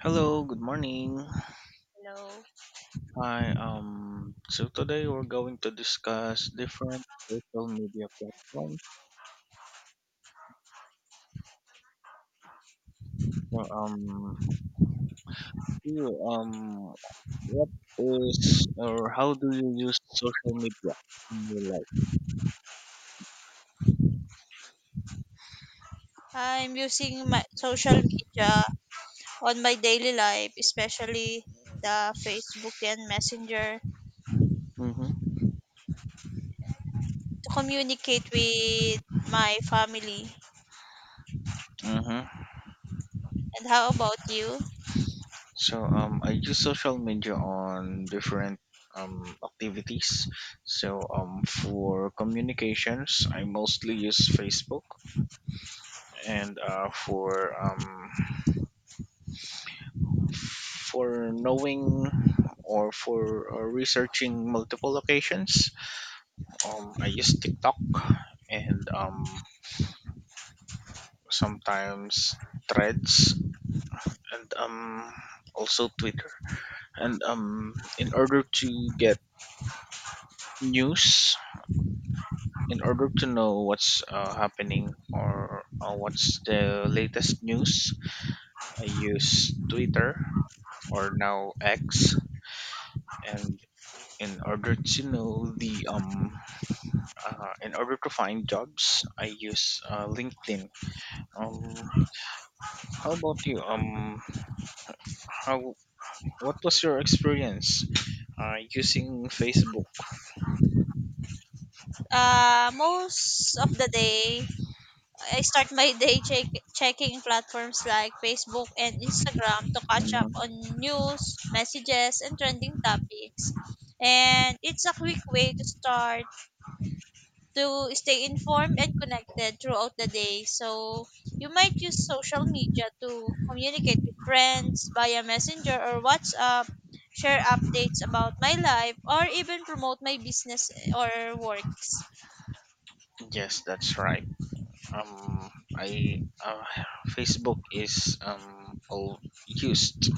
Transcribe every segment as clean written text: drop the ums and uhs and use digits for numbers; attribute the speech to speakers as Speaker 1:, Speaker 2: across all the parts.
Speaker 1: Hello, good morning.
Speaker 2: Hello.
Speaker 1: Hi, so today we're going to discuss different social media platforms. So, um, do you, um, what is or how do you use social media in your life?
Speaker 2: I'm using my social media on my daily life, especially the Facebook and Messenger,
Speaker 1: Mm-hmm.
Speaker 2: to communicate with my family.
Speaker 1: Mm-hmm.
Speaker 2: And how about you?
Speaker 1: I use social media on different activities. For communications, I mostly use Facebook, and for knowing or for researching multiple locations. I use TikTok and sometimes Threads and also Twitter. And in order to get news, in order to know what's happening or what's the latest news, I use Twitter or now X. And in order to know the in order to find jobs, I use LinkedIn. Um, how about you? How? What was your experience using Facebook?
Speaker 2: Most of the day, I start my checking platforms like Facebook and Instagram to catch up
Speaker 1: Mhm.
Speaker 2: on news, messages, and trending topics. And it's a quick way to stay informed and connected throughout the day. So you might use social media to communicate with friends via Messenger or WhatsApp, share updates about my life, or even promote my business or works.
Speaker 1: Yes, that's right. Um, I Facebook is all used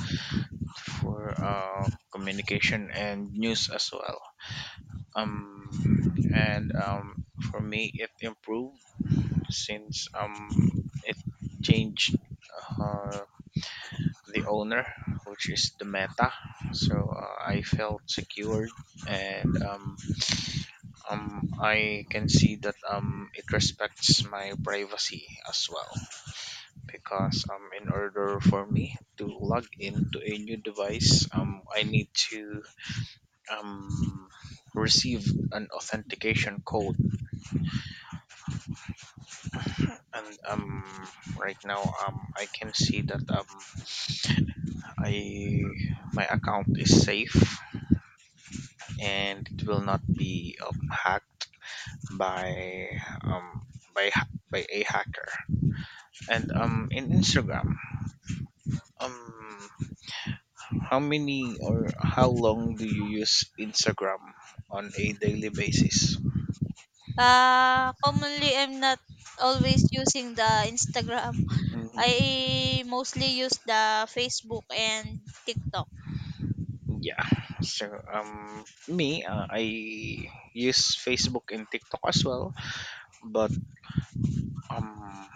Speaker 1: for communication and news as well. And for me, it improved since it changed. Uh, the owner, which is the Meta. So I felt secured, and I can see that it respects my privacy as well. Because in order for me to log into a new device, I need to um, receive an authentication code, and right now I can see that I my account is safe and it will not be hacked by um, by a hacker. And in Instagram, um, how many or how long do you use Instagram on a daily basis?
Speaker 2: Commonly, I'm not always using the Instagram.
Speaker 1: Mm-hmm.
Speaker 2: I mostly use the Facebook and TikTok.
Speaker 1: Yeah. I use Facebook and TikTok as well, but um,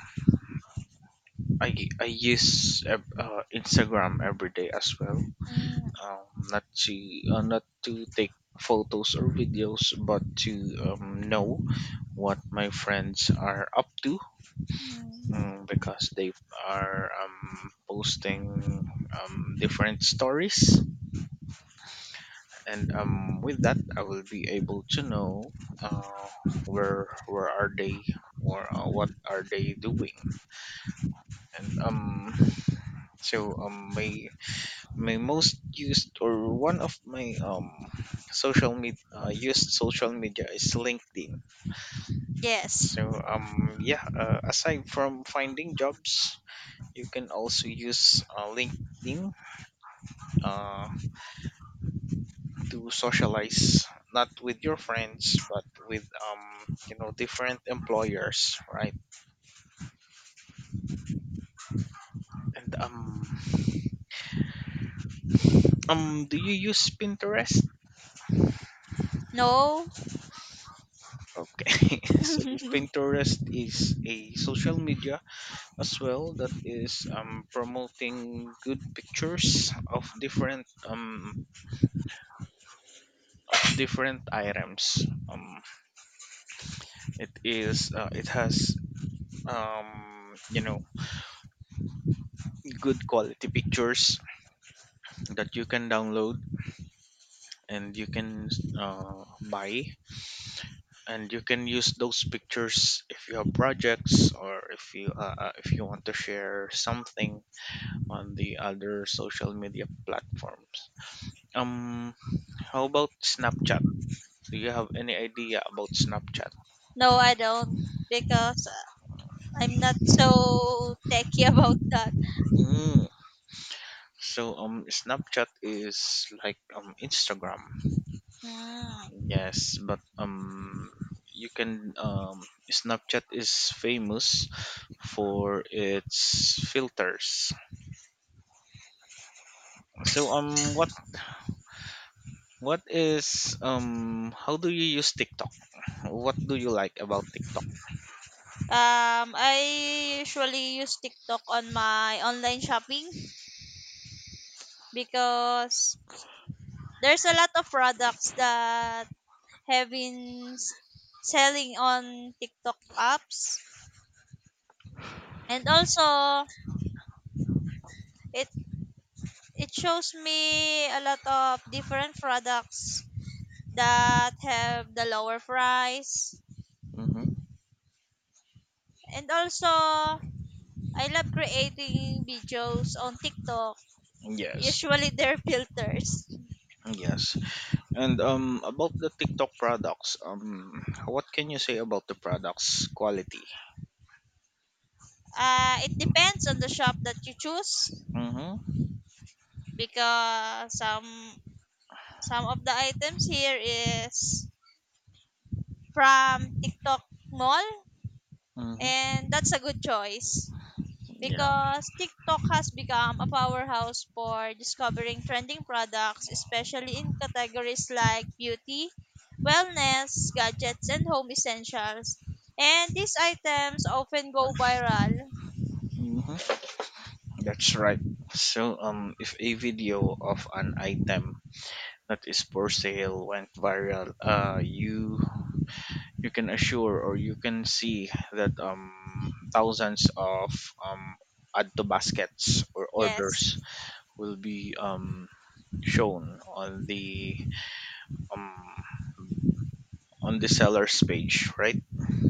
Speaker 1: I I use Instagram every day as well.
Speaker 2: Mm,
Speaker 1: um, not to not to take photos or videos but to know what my friends are up to,
Speaker 2: mm.
Speaker 1: because they are posting different stories, and with that I will be able to know where are they or what are they doing. And so my most used or one of my social media used social media is LinkedIn.
Speaker 2: Yes.
Speaker 1: Yeah, aside from finding jobs, you can also use LinkedIn uh, to socialize, not with your friends but with, you know, different employers, right? and Do you use Pinterest?
Speaker 2: No.
Speaker 1: Okay. so Pinterest is a social media as well that is promoting good pictures of different items. It has, you know, good quality pictures that you can download and you can buy, and you can use those pictures if you have projects or if you want to share something on the other social media platforms. um how about Snapchat? Do you have any idea about Snapchat?
Speaker 2: No, I don't, because I'm not so techy about that.
Speaker 1: Mm. So Snapchat is like Instagram.
Speaker 2: Hmm.
Speaker 1: Yes, but you can, Snapchat is famous for its filters. So what is how do you use TikTok? What do you like about TikTok?
Speaker 2: I usually use TikTok on my online shopping because there's a lot of products that have been s- selling on TikTok apps, and also it it shows me a lot of different products that have the lower price,
Speaker 1: Mm-hmm.
Speaker 2: and also I love creating videos on TikTok.
Speaker 1: Yes.
Speaker 2: Usually they're filters.
Speaker 1: Yes. And about the TikTok products, what can you say about the products quality?
Speaker 2: It depends on the shop that you choose
Speaker 1: Mm-hmm.
Speaker 2: because some of the items here is from TikTok Mall,
Speaker 1: Mm-hmm.
Speaker 2: and that's a good choice
Speaker 1: Yeah.
Speaker 2: because TikTok has become a powerhouse for discovering trending products, especially in categories like beauty, wellness, gadgets and home essentials. And these items often go viral.
Speaker 1: Mm-hmm. That's right. So, if a video of an item that is for sale went viral, you can assure or you can see that thousands of um add to baskets or
Speaker 2: Yes.
Speaker 1: orders will be shown um on the seller's page, right?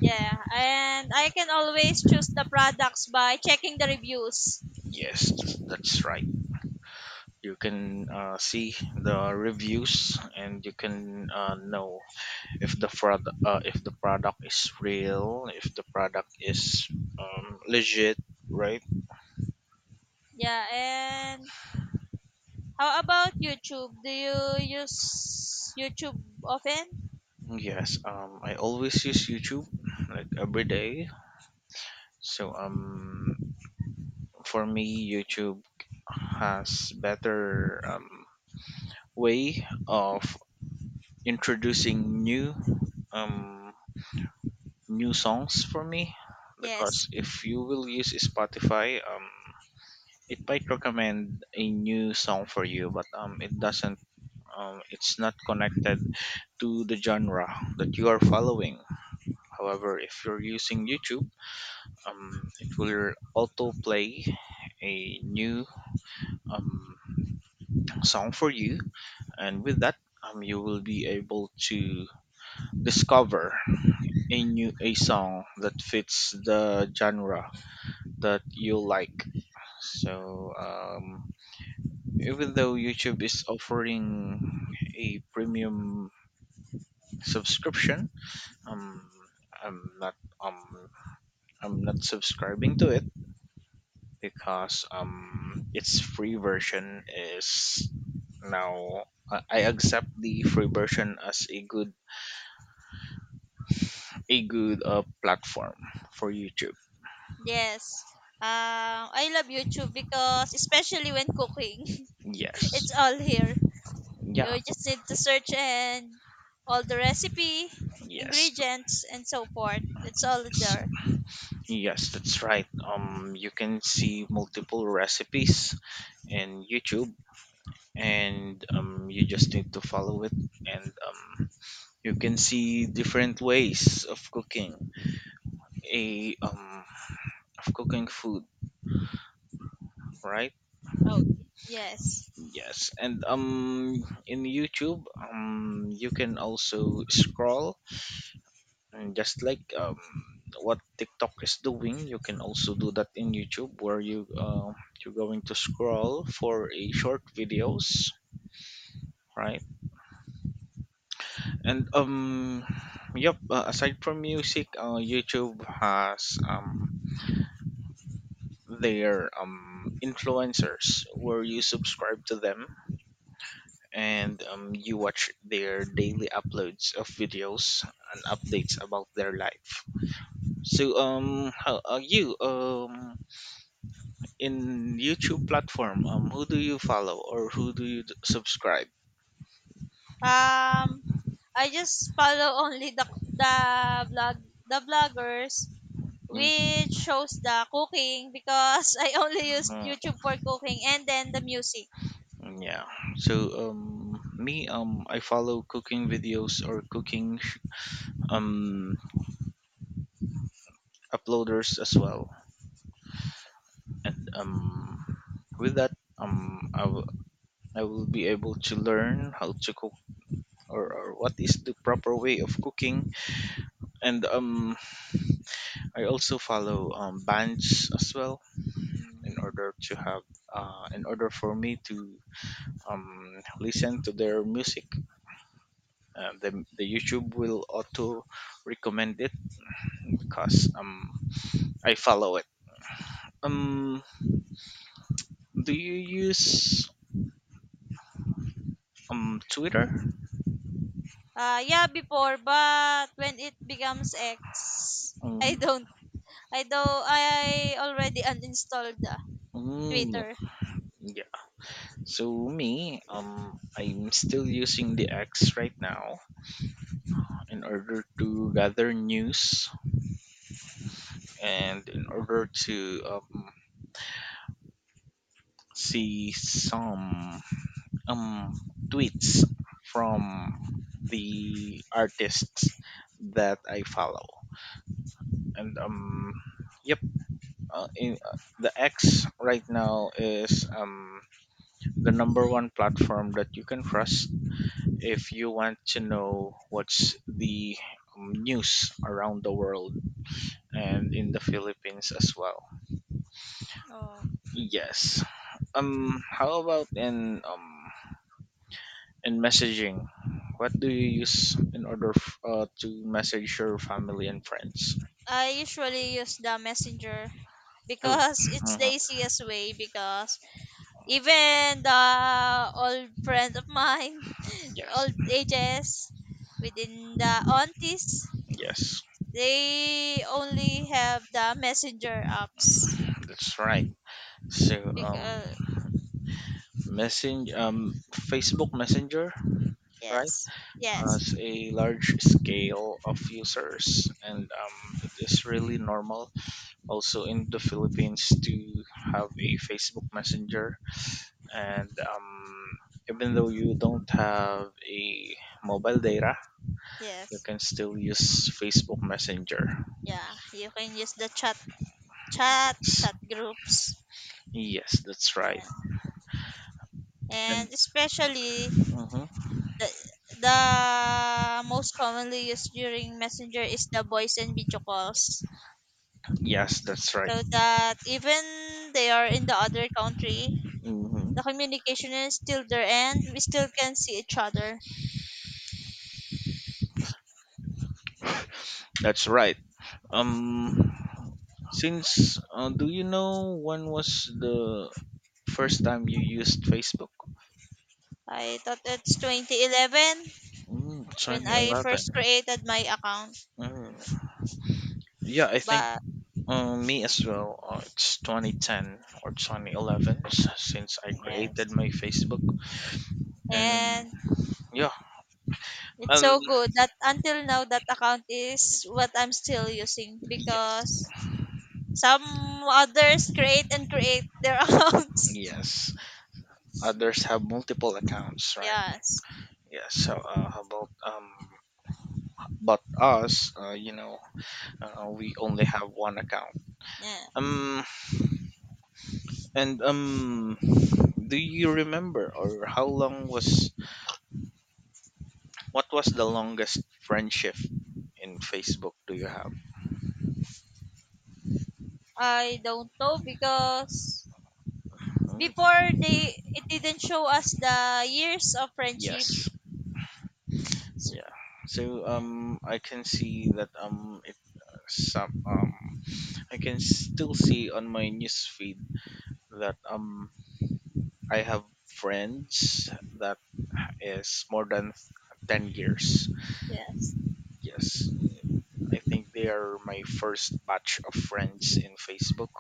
Speaker 2: Yeah, and I can always choose the products by checking the reviews.
Speaker 1: Yes, that's right. You can see the reviews and you can know if the product is real, if the product is legit, right?
Speaker 2: Yeah, and how about YouTube? Do you use YouTube often?
Speaker 1: Yes, I always use YouTube like every day. So for me YouTube has better way of introducing new um, new songs for me, because
Speaker 2: Yes,
Speaker 1: if you will use Spotify, it might recommend a new song for you but it doesn't, it's not connected to the genre that you are following. However, if you're using YouTube, it will auto play a new um, song for you, and with that, you will be able to discover a new, a song that fits the genre that you like. So even though YouTube is offering a premium subscription, um, I'm not um I'm not subscribing to it because its free version is now, I accept the free version as a good, a good platform for YouTube.
Speaker 2: yes. I love YouTube because especially when cooking,
Speaker 1: Yes.
Speaker 2: it's all here.
Speaker 1: Yeah.
Speaker 2: You just need to search, and all the recipe,
Speaker 1: Yes.
Speaker 2: ingredients, and so forth. It's all
Speaker 1: Yes.
Speaker 2: there.
Speaker 1: Yes, that's right. You can see multiple recipes in YouTube, and you just need to follow it, and you can see different ways of cooking a of cooking food, right?
Speaker 2: Oh, yes.
Speaker 1: Yes. and In YouTube, you can also scroll, and just like what TikTok is doing, you can also do that in YouTube, where you're going to scroll for a short videos, right? And yep. Aside from music, YouTube has their influencers where you subscribe to them, and you watch their daily uploads of videos and updates about their life. So how are you in YouTube platform? Who do you follow or who do you subscribe?
Speaker 2: Um, I just follow only the blog the bloggers,
Speaker 1: Mm,
Speaker 2: which shows the cooking because I only use
Speaker 1: mm.
Speaker 2: YouTube for cooking and then the music.
Speaker 1: Mm, yeah. So me I follow cooking videos or cooking um uploaders as well. And with that I will be able to learn how to cook, or what is the proper way of cooking. And I also follow bands as well, in
Speaker 2: Mm.
Speaker 1: order to have in order for me to listen to their music. Uh, the the YouTube will auto recommend it because I follow it. Um, do you use Twitter?
Speaker 2: Yeah, before, but when it becomes X, I
Speaker 1: Mm,
Speaker 2: don't. I don't. I already uninstalled the
Speaker 1: mm,
Speaker 2: Twitter.
Speaker 1: yeah. So me, I'm still using the X right now in order to gather news and in order to see some tweets from the artists that I follow. And yep, in the X right now is the number one platform that you can trust if you want to know what's the news around the world and in the Philippines as well.
Speaker 2: Oh.
Speaker 1: Yes. How about in messaging? What do you use in order to message your family and friends?
Speaker 2: I usually use the Messenger
Speaker 1: Oh,
Speaker 2: because it's the
Speaker 1: mhm,
Speaker 2: easiest way. Because even the old friends of mine,
Speaker 1: yes,
Speaker 2: old ages, within the aunties,
Speaker 1: yes,
Speaker 2: they only have the messenger apps.
Speaker 1: that's right. So
Speaker 2: Because
Speaker 1: Messenger, Facebook Messenger, right,
Speaker 2: yes, yes,
Speaker 1: has a large scale of users, and it is really normal also in the Philippines to have a Facebook Messenger. And even though you don't have a mobile data, you
Speaker 2: yes,
Speaker 1: can still use Facebook Messenger.
Speaker 2: yeah. You can use the chat,
Speaker 1: Yes,
Speaker 2: chat groups,
Speaker 1: yes, that's right.
Speaker 2: yeah.
Speaker 1: And
Speaker 2: And especially
Speaker 1: mhm.
Speaker 2: the the most commonly used during messenger is the voice and video calls,
Speaker 1: Yes, that's right.
Speaker 2: so that even they are in the other country,
Speaker 1: Hmm.
Speaker 2: the communication is still there and we still can see each other.
Speaker 1: That's right. Um, since Do you know when was the first time you used Facebook?
Speaker 2: I thought it's 2011
Speaker 1: Mm,
Speaker 2: when I
Speaker 1: 2011.
Speaker 2: first created my account,
Speaker 1: Mm. Yeah, I think
Speaker 2: but
Speaker 1: me as well. It's 2010 or 2011 since I created
Speaker 2: yes.
Speaker 1: my Facebook. And
Speaker 2: And
Speaker 1: Yeah,
Speaker 2: it's
Speaker 1: um,
Speaker 2: so good that until now that account is what I'm still using,
Speaker 1: yes,
Speaker 2: because some others create their accounts.
Speaker 1: yes. Others have multiple accounts, right?
Speaker 2: Yes,
Speaker 1: Yes. So how about but us, you know, we only have one account.
Speaker 2: yeah.
Speaker 1: Um, And do you remember, or how long was what was the longest friendship in Facebook do you have?
Speaker 2: I don't know because
Speaker 1: Oh,
Speaker 2: before they it didn't show us the years of friendship.
Speaker 1: yes.
Speaker 2: So,
Speaker 1: Yeah. So I can see that it some I can still see on my news feed that I have friends that is more than 10 years.
Speaker 2: yes.
Speaker 1: Yes, I think they are my first batch of friends in Facebook.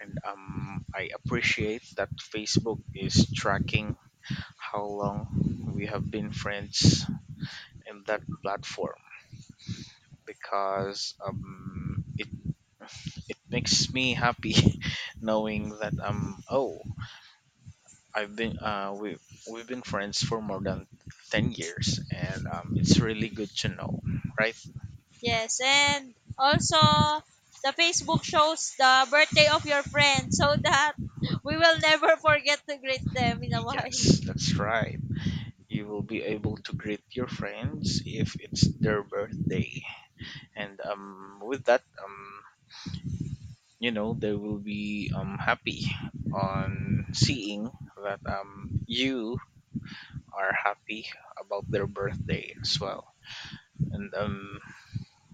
Speaker 1: And I appreciate that Facebook is tracking how long we have been friends in that platform, because it makes me happy knowing that, oh, I've been, we've been friends for more than 10 years, and it's really good to know, right?
Speaker 2: Yes, and also the Facebook shows the birthday of your friend so that we will never forget to greet them in a while.
Speaker 1: Yes, that's right. You will be able to greet your friends if it's their birthday, and with that, you know, they will be happy on seeing that you are happy about their birthday as well. And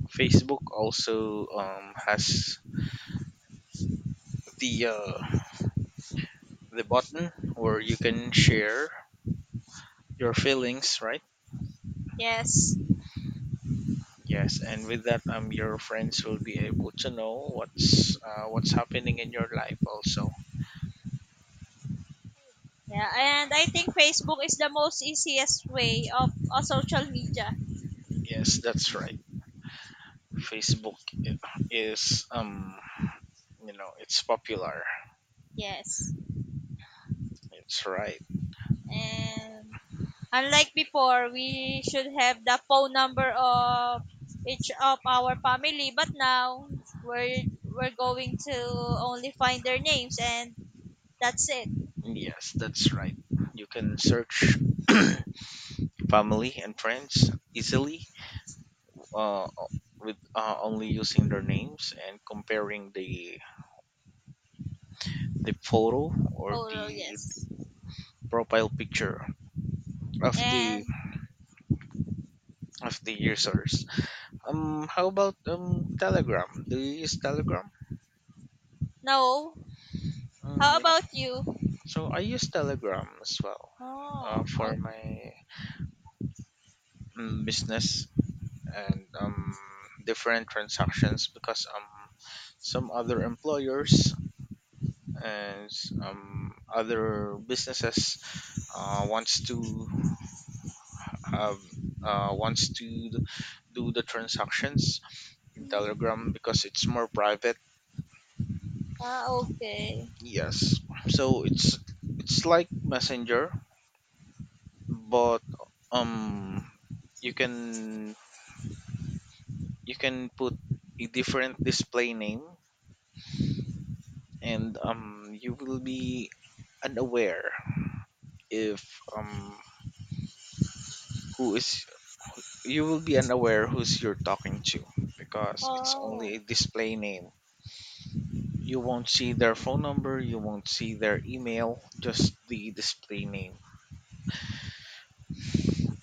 Speaker 1: Facebook also has the uh the button where you can share your feelings, right?
Speaker 2: Yes.
Speaker 1: Yes, and with that, your friends will be able to know what's happening in your life also.
Speaker 2: Yeah, and I think Facebook is the most easiest way of a social media.
Speaker 1: Yes, that's right. facebook i- is, you know, it's popular.
Speaker 2: Yes.
Speaker 1: That's right.
Speaker 2: And unlike before, we should have the phone number of each of our family, but now we're going to only find their names, and that's it.
Speaker 1: Yes, that's right. You can search family and friends easily, uh, with only using their names and comparing the photo or
Speaker 2: Oh
Speaker 1: the
Speaker 2: yes.
Speaker 1: profile picture of the
Speaker 2: And
Speaker 1: of the users. How about Telegram? Do you use Telegram?
Speaker 2: no.
Speaker 1: Mm,
Speaker 2: How
Speaker 1: yeah.
Speaker 2: about you?
Speaker 1: So I use Telegram as well for
Speaker 2: Oh,
Speaker 1: my business and different transactions because some other employers and some other businesses wants to have wants to do the transactions in
Speaker 2: okay.
Speaker 1: Telegram because it's more private.
Speaker 2: Ah, okay.
Speaker 1: Yes, so it's like Messenger, but um you can you can put a different display name, and you will be unaware if who is you will be unaware who's you're talking to, because it's
Speaker 2: Oh,
Speaker 1: only a display name. You won't see their phone number, you won't see their email, just the display name.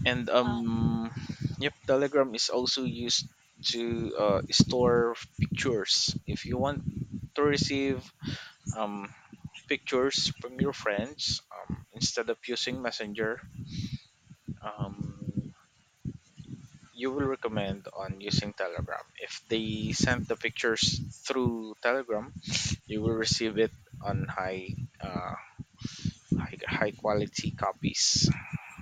Speaker 1: And
Speaker 2: ah.
Speaker 1: Yep, Telegram is also used to store pictures. If you want to receive um, pictures from your friends, instead of using Messenger, um, you will recommend on using Telegram. If they send the pictures through Telegram, you will receive it on high, high quality copies.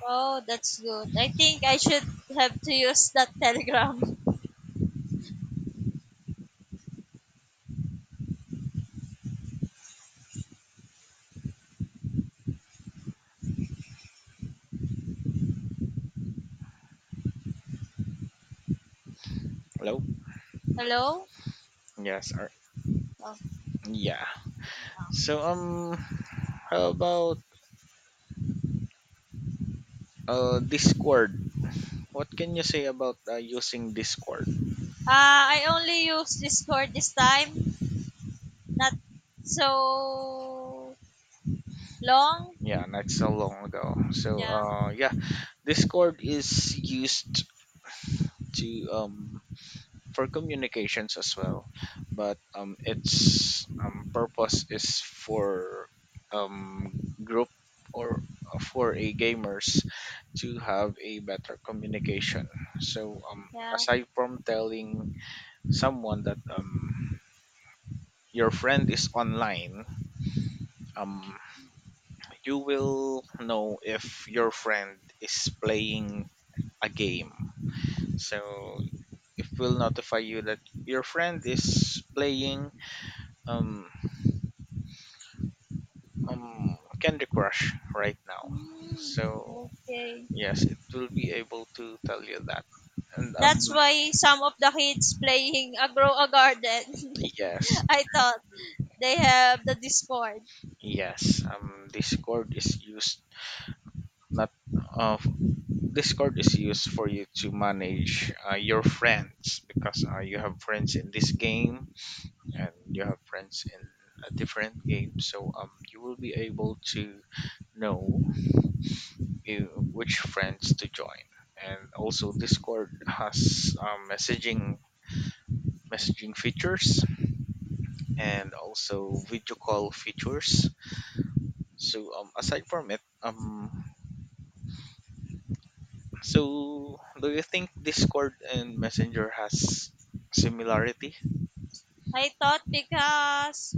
Speaker 2: Oh, that's good. I think I should have to use that Telegram.
Speaker 1: Hello.
Speaker 2: Hello?
Speaker 1: Yes.
Speaker 2: Oh.
Speaker 1: Yeah. So how about Discord? What can you say about using Discord?
Speaker 2: Ah, I only use Discord this time. Not so long?
Speaker 1: Yeah, not so long ago. So
Speaker 2: Yeah,
Speaker 1: uh, yeah, Discord is used to for communications as well, but its purpose is for um, group or for a gamers, to have a better communication. So
Speaker 2: yeah.
Speaker 1: aside from telling someone that your friend is online, um, you will know if your friend is playing a game, so it will notify you that your friend is playing um, Candy Crush right now.
Speaker 2: Hmm,
Speaker 1: So
Speaker 2: okay.
Speaker 1: yes, it will be able to tell you that. And
Speaker 2: That's
Speaker 1: um
Speaker 2: why some of the kids playing a grow a garden.
Speaker 1: yes,
Speaker 2: I thought they have the Discord.
Speaker 1: yes, Discord is used not of Discord is used for you to manage your friends, because you have friends in this game and you have friends in a different game. So you will be able to know which friends to join. And also Discord has messaging features, and also video call features. So aside from it, so do you think Discord and Messenger has similarity?
Speaker 2: I thought, because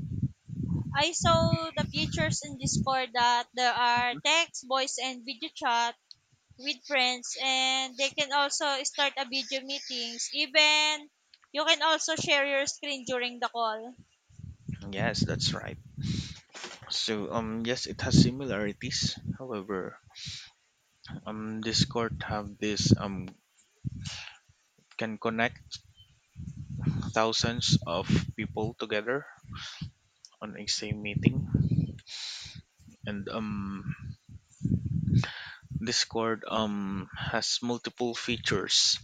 Speaker 2: I saw the features in Discord that there are text, voice, and video chat with friends, and they can also start a video meetings. Even you can also share your screen during the call.
Speaker 1: Yes, that's right. So yes, it has similarities. However, Discord have this, can connect thousands of people together on a same meeting. And Discord, has multiple features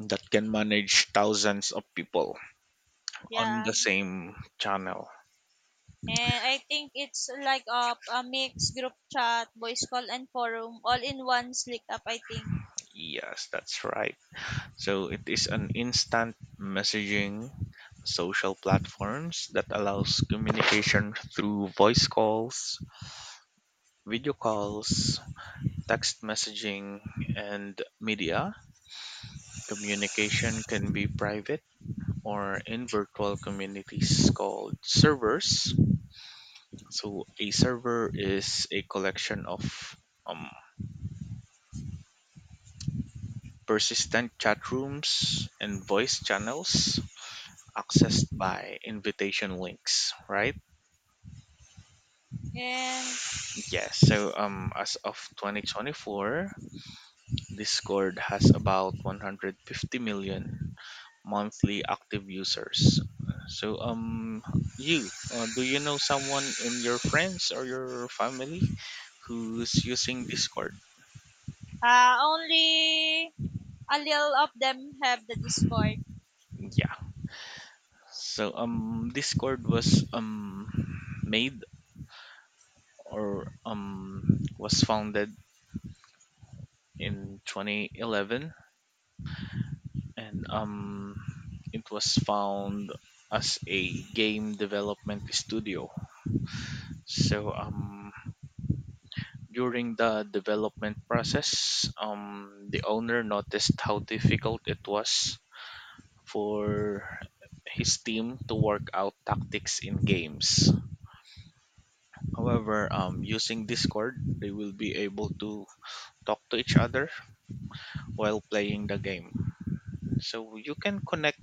Speaker 1: that can manage thousands of people on
Speaker 2: Yeah.
Speaker 1: the same channel.
Speaker 2: And I think it's like a mix group chat, voice call, and forum all in one slick up, I think.
Speaker 1: Yes, that's right. So it is an instant messaging social platforms that allows communication through voice calls, video calls, text messaging, and media. Communication can be private or in virtual communities called servers. So a server is a collection of um, persistent chat rooms and voice channels, accessed by invitation links, right?
Speaker 2: And
Speaker 1: Yes. So as of 2024, Discord has about 150 million monthly active users. So you do you know someone in your friends or your family who's using Discord?
Speaker 2: only a little of them have the Discord.
Speaker 1: Yeah. So Discord was made or was founded in 2011, and it was found as a game development studio. So during the development process, the owner noticed how difficult it was for his team to work out tactics in games. However, using Discord, they will be able to talk to each other while playing the game. So you can connect,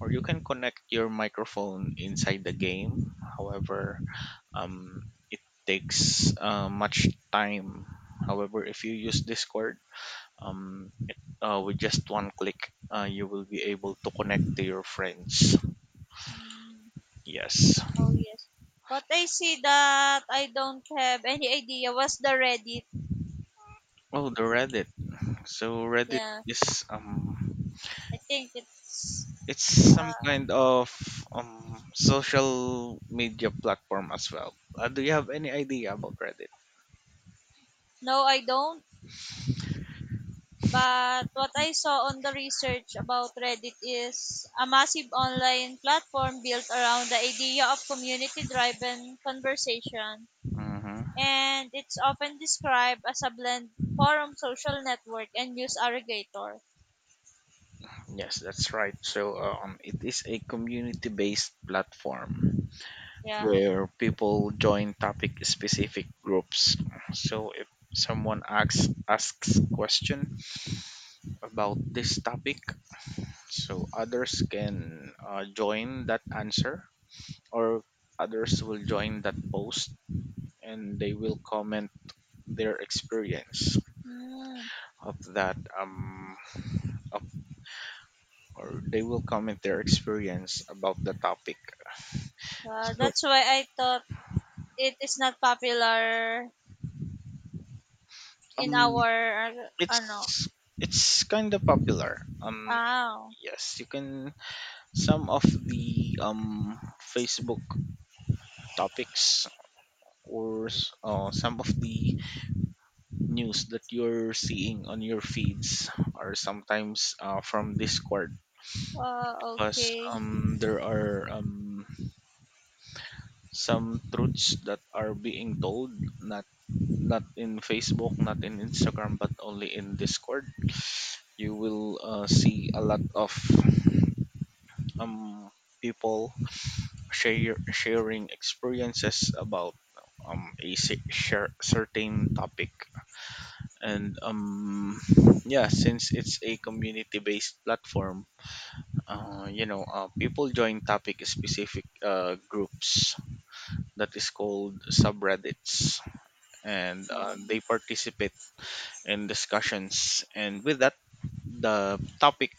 Speaker 1: or you can connect your microphone inside the game. However, it takes much time. However, if you use Discord, with just one click, you will be able to connect to your friends.
Speaker 2: Mm,
Speaker 1: Yes.
Speaker 2: oh, yes. What I see that I don't have any idea was the Reddit.
Speaker 1: Oh, the Reddit. So Reddit
Speaker 2: Yeah.
Speaker 1: is
Speaker 2: I think it's.
Speaker 1: it's some
Speaker 2: Uh,
Speaker 1: kind of social media platform as well. Do you have any idea about Reddit?
Speaker 2: no, I don't. But what I saw on the research about Reddit is a massive online platform built around the idea of community driven conversation.
Speaker 1: Mm-hmm.
Speaker 2: And it's often described as a blend forum, social network, and news aggregator.
Speaker 1: Yes, that's right. So it is a community-based platform
Speaker 2: Yeah.
Speaker 1: where people join topic-specific groups. So if someone asks question about this topic, so others can join that answer, or others will join that post, and they will comment their experience
Speaker 2: Mm.
Speaker 1: of that of, or they will comment their experience about the topic. So
Speaker 2: That's why I thought it is not popular in
Speaker 1: um
Speaker 2: our, ano,
Speaker 1: it's it's kind of popular.
Speaker 2: ah,
Speaker 1: Yes, you can, some of the Facebook topics, or some of the news that you're seeing on your feeds, are sometimes from Discord. Because
Speaker 2: okay.
Speaker 1: there are some truths that are being told, not in Facebook, not in Instagram, but only in Discord. You will see a lot of um people share sharing experiences about certain topic. And yeah, since it's a community based platform, people join topic specific groups that is called subreddits, and
Speaker 2: Um,
Speaker 1: they participate in discussions. And with that, the topic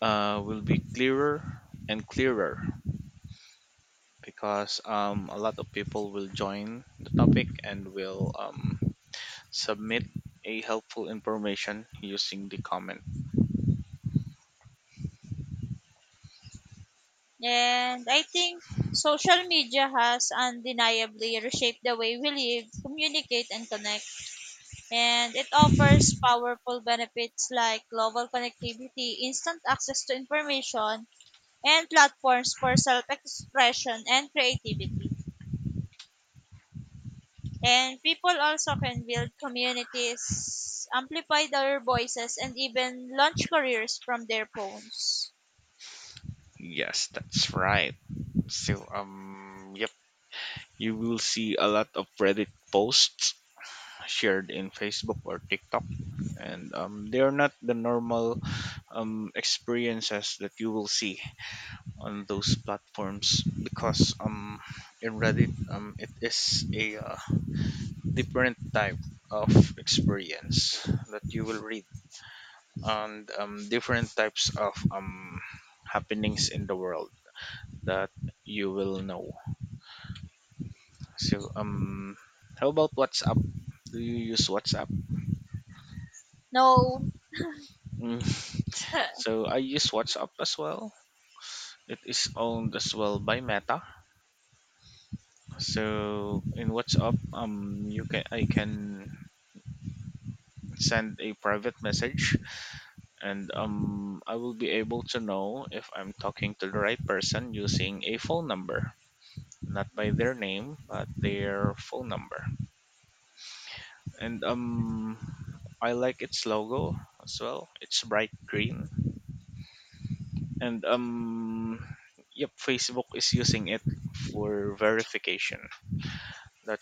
Speaker 1: will be clearer and clearer, because a lot of people will join the topic and will submit a helpful information using the comment.
Speaker 2: And I think social media has undeniably reshaped the way we live, communicate, and connect. And it offers powerful benefits like global connectivity, instant access to information, and platforms for self expression and creativity. And people also can build communities, amplify their voices, and even launch careers from their phones.
Speaker 1: Yes, that's right. So, yep, you will see a lot of Reddit posts shared in Facebook or TikTok, and they are not the normal experiences that you will see on those platforms, because in Reddit it is a different type of experience that you will read, and different types of happenings in the world that you will know. So how about WhatsApp? Do you use WhatsApp?
Speaker 2: No.
Speaker 1: Mm. So I use WhatsApp as well. It is owned as well by Meta. So in WhatsApp, you can I can send a private message, and I will be able to know if I'm talking to the right person using a phone number, not by their name, but their phone number. And I like its logo as well. It's bright green, and yep, Facebook is using it for verification. That's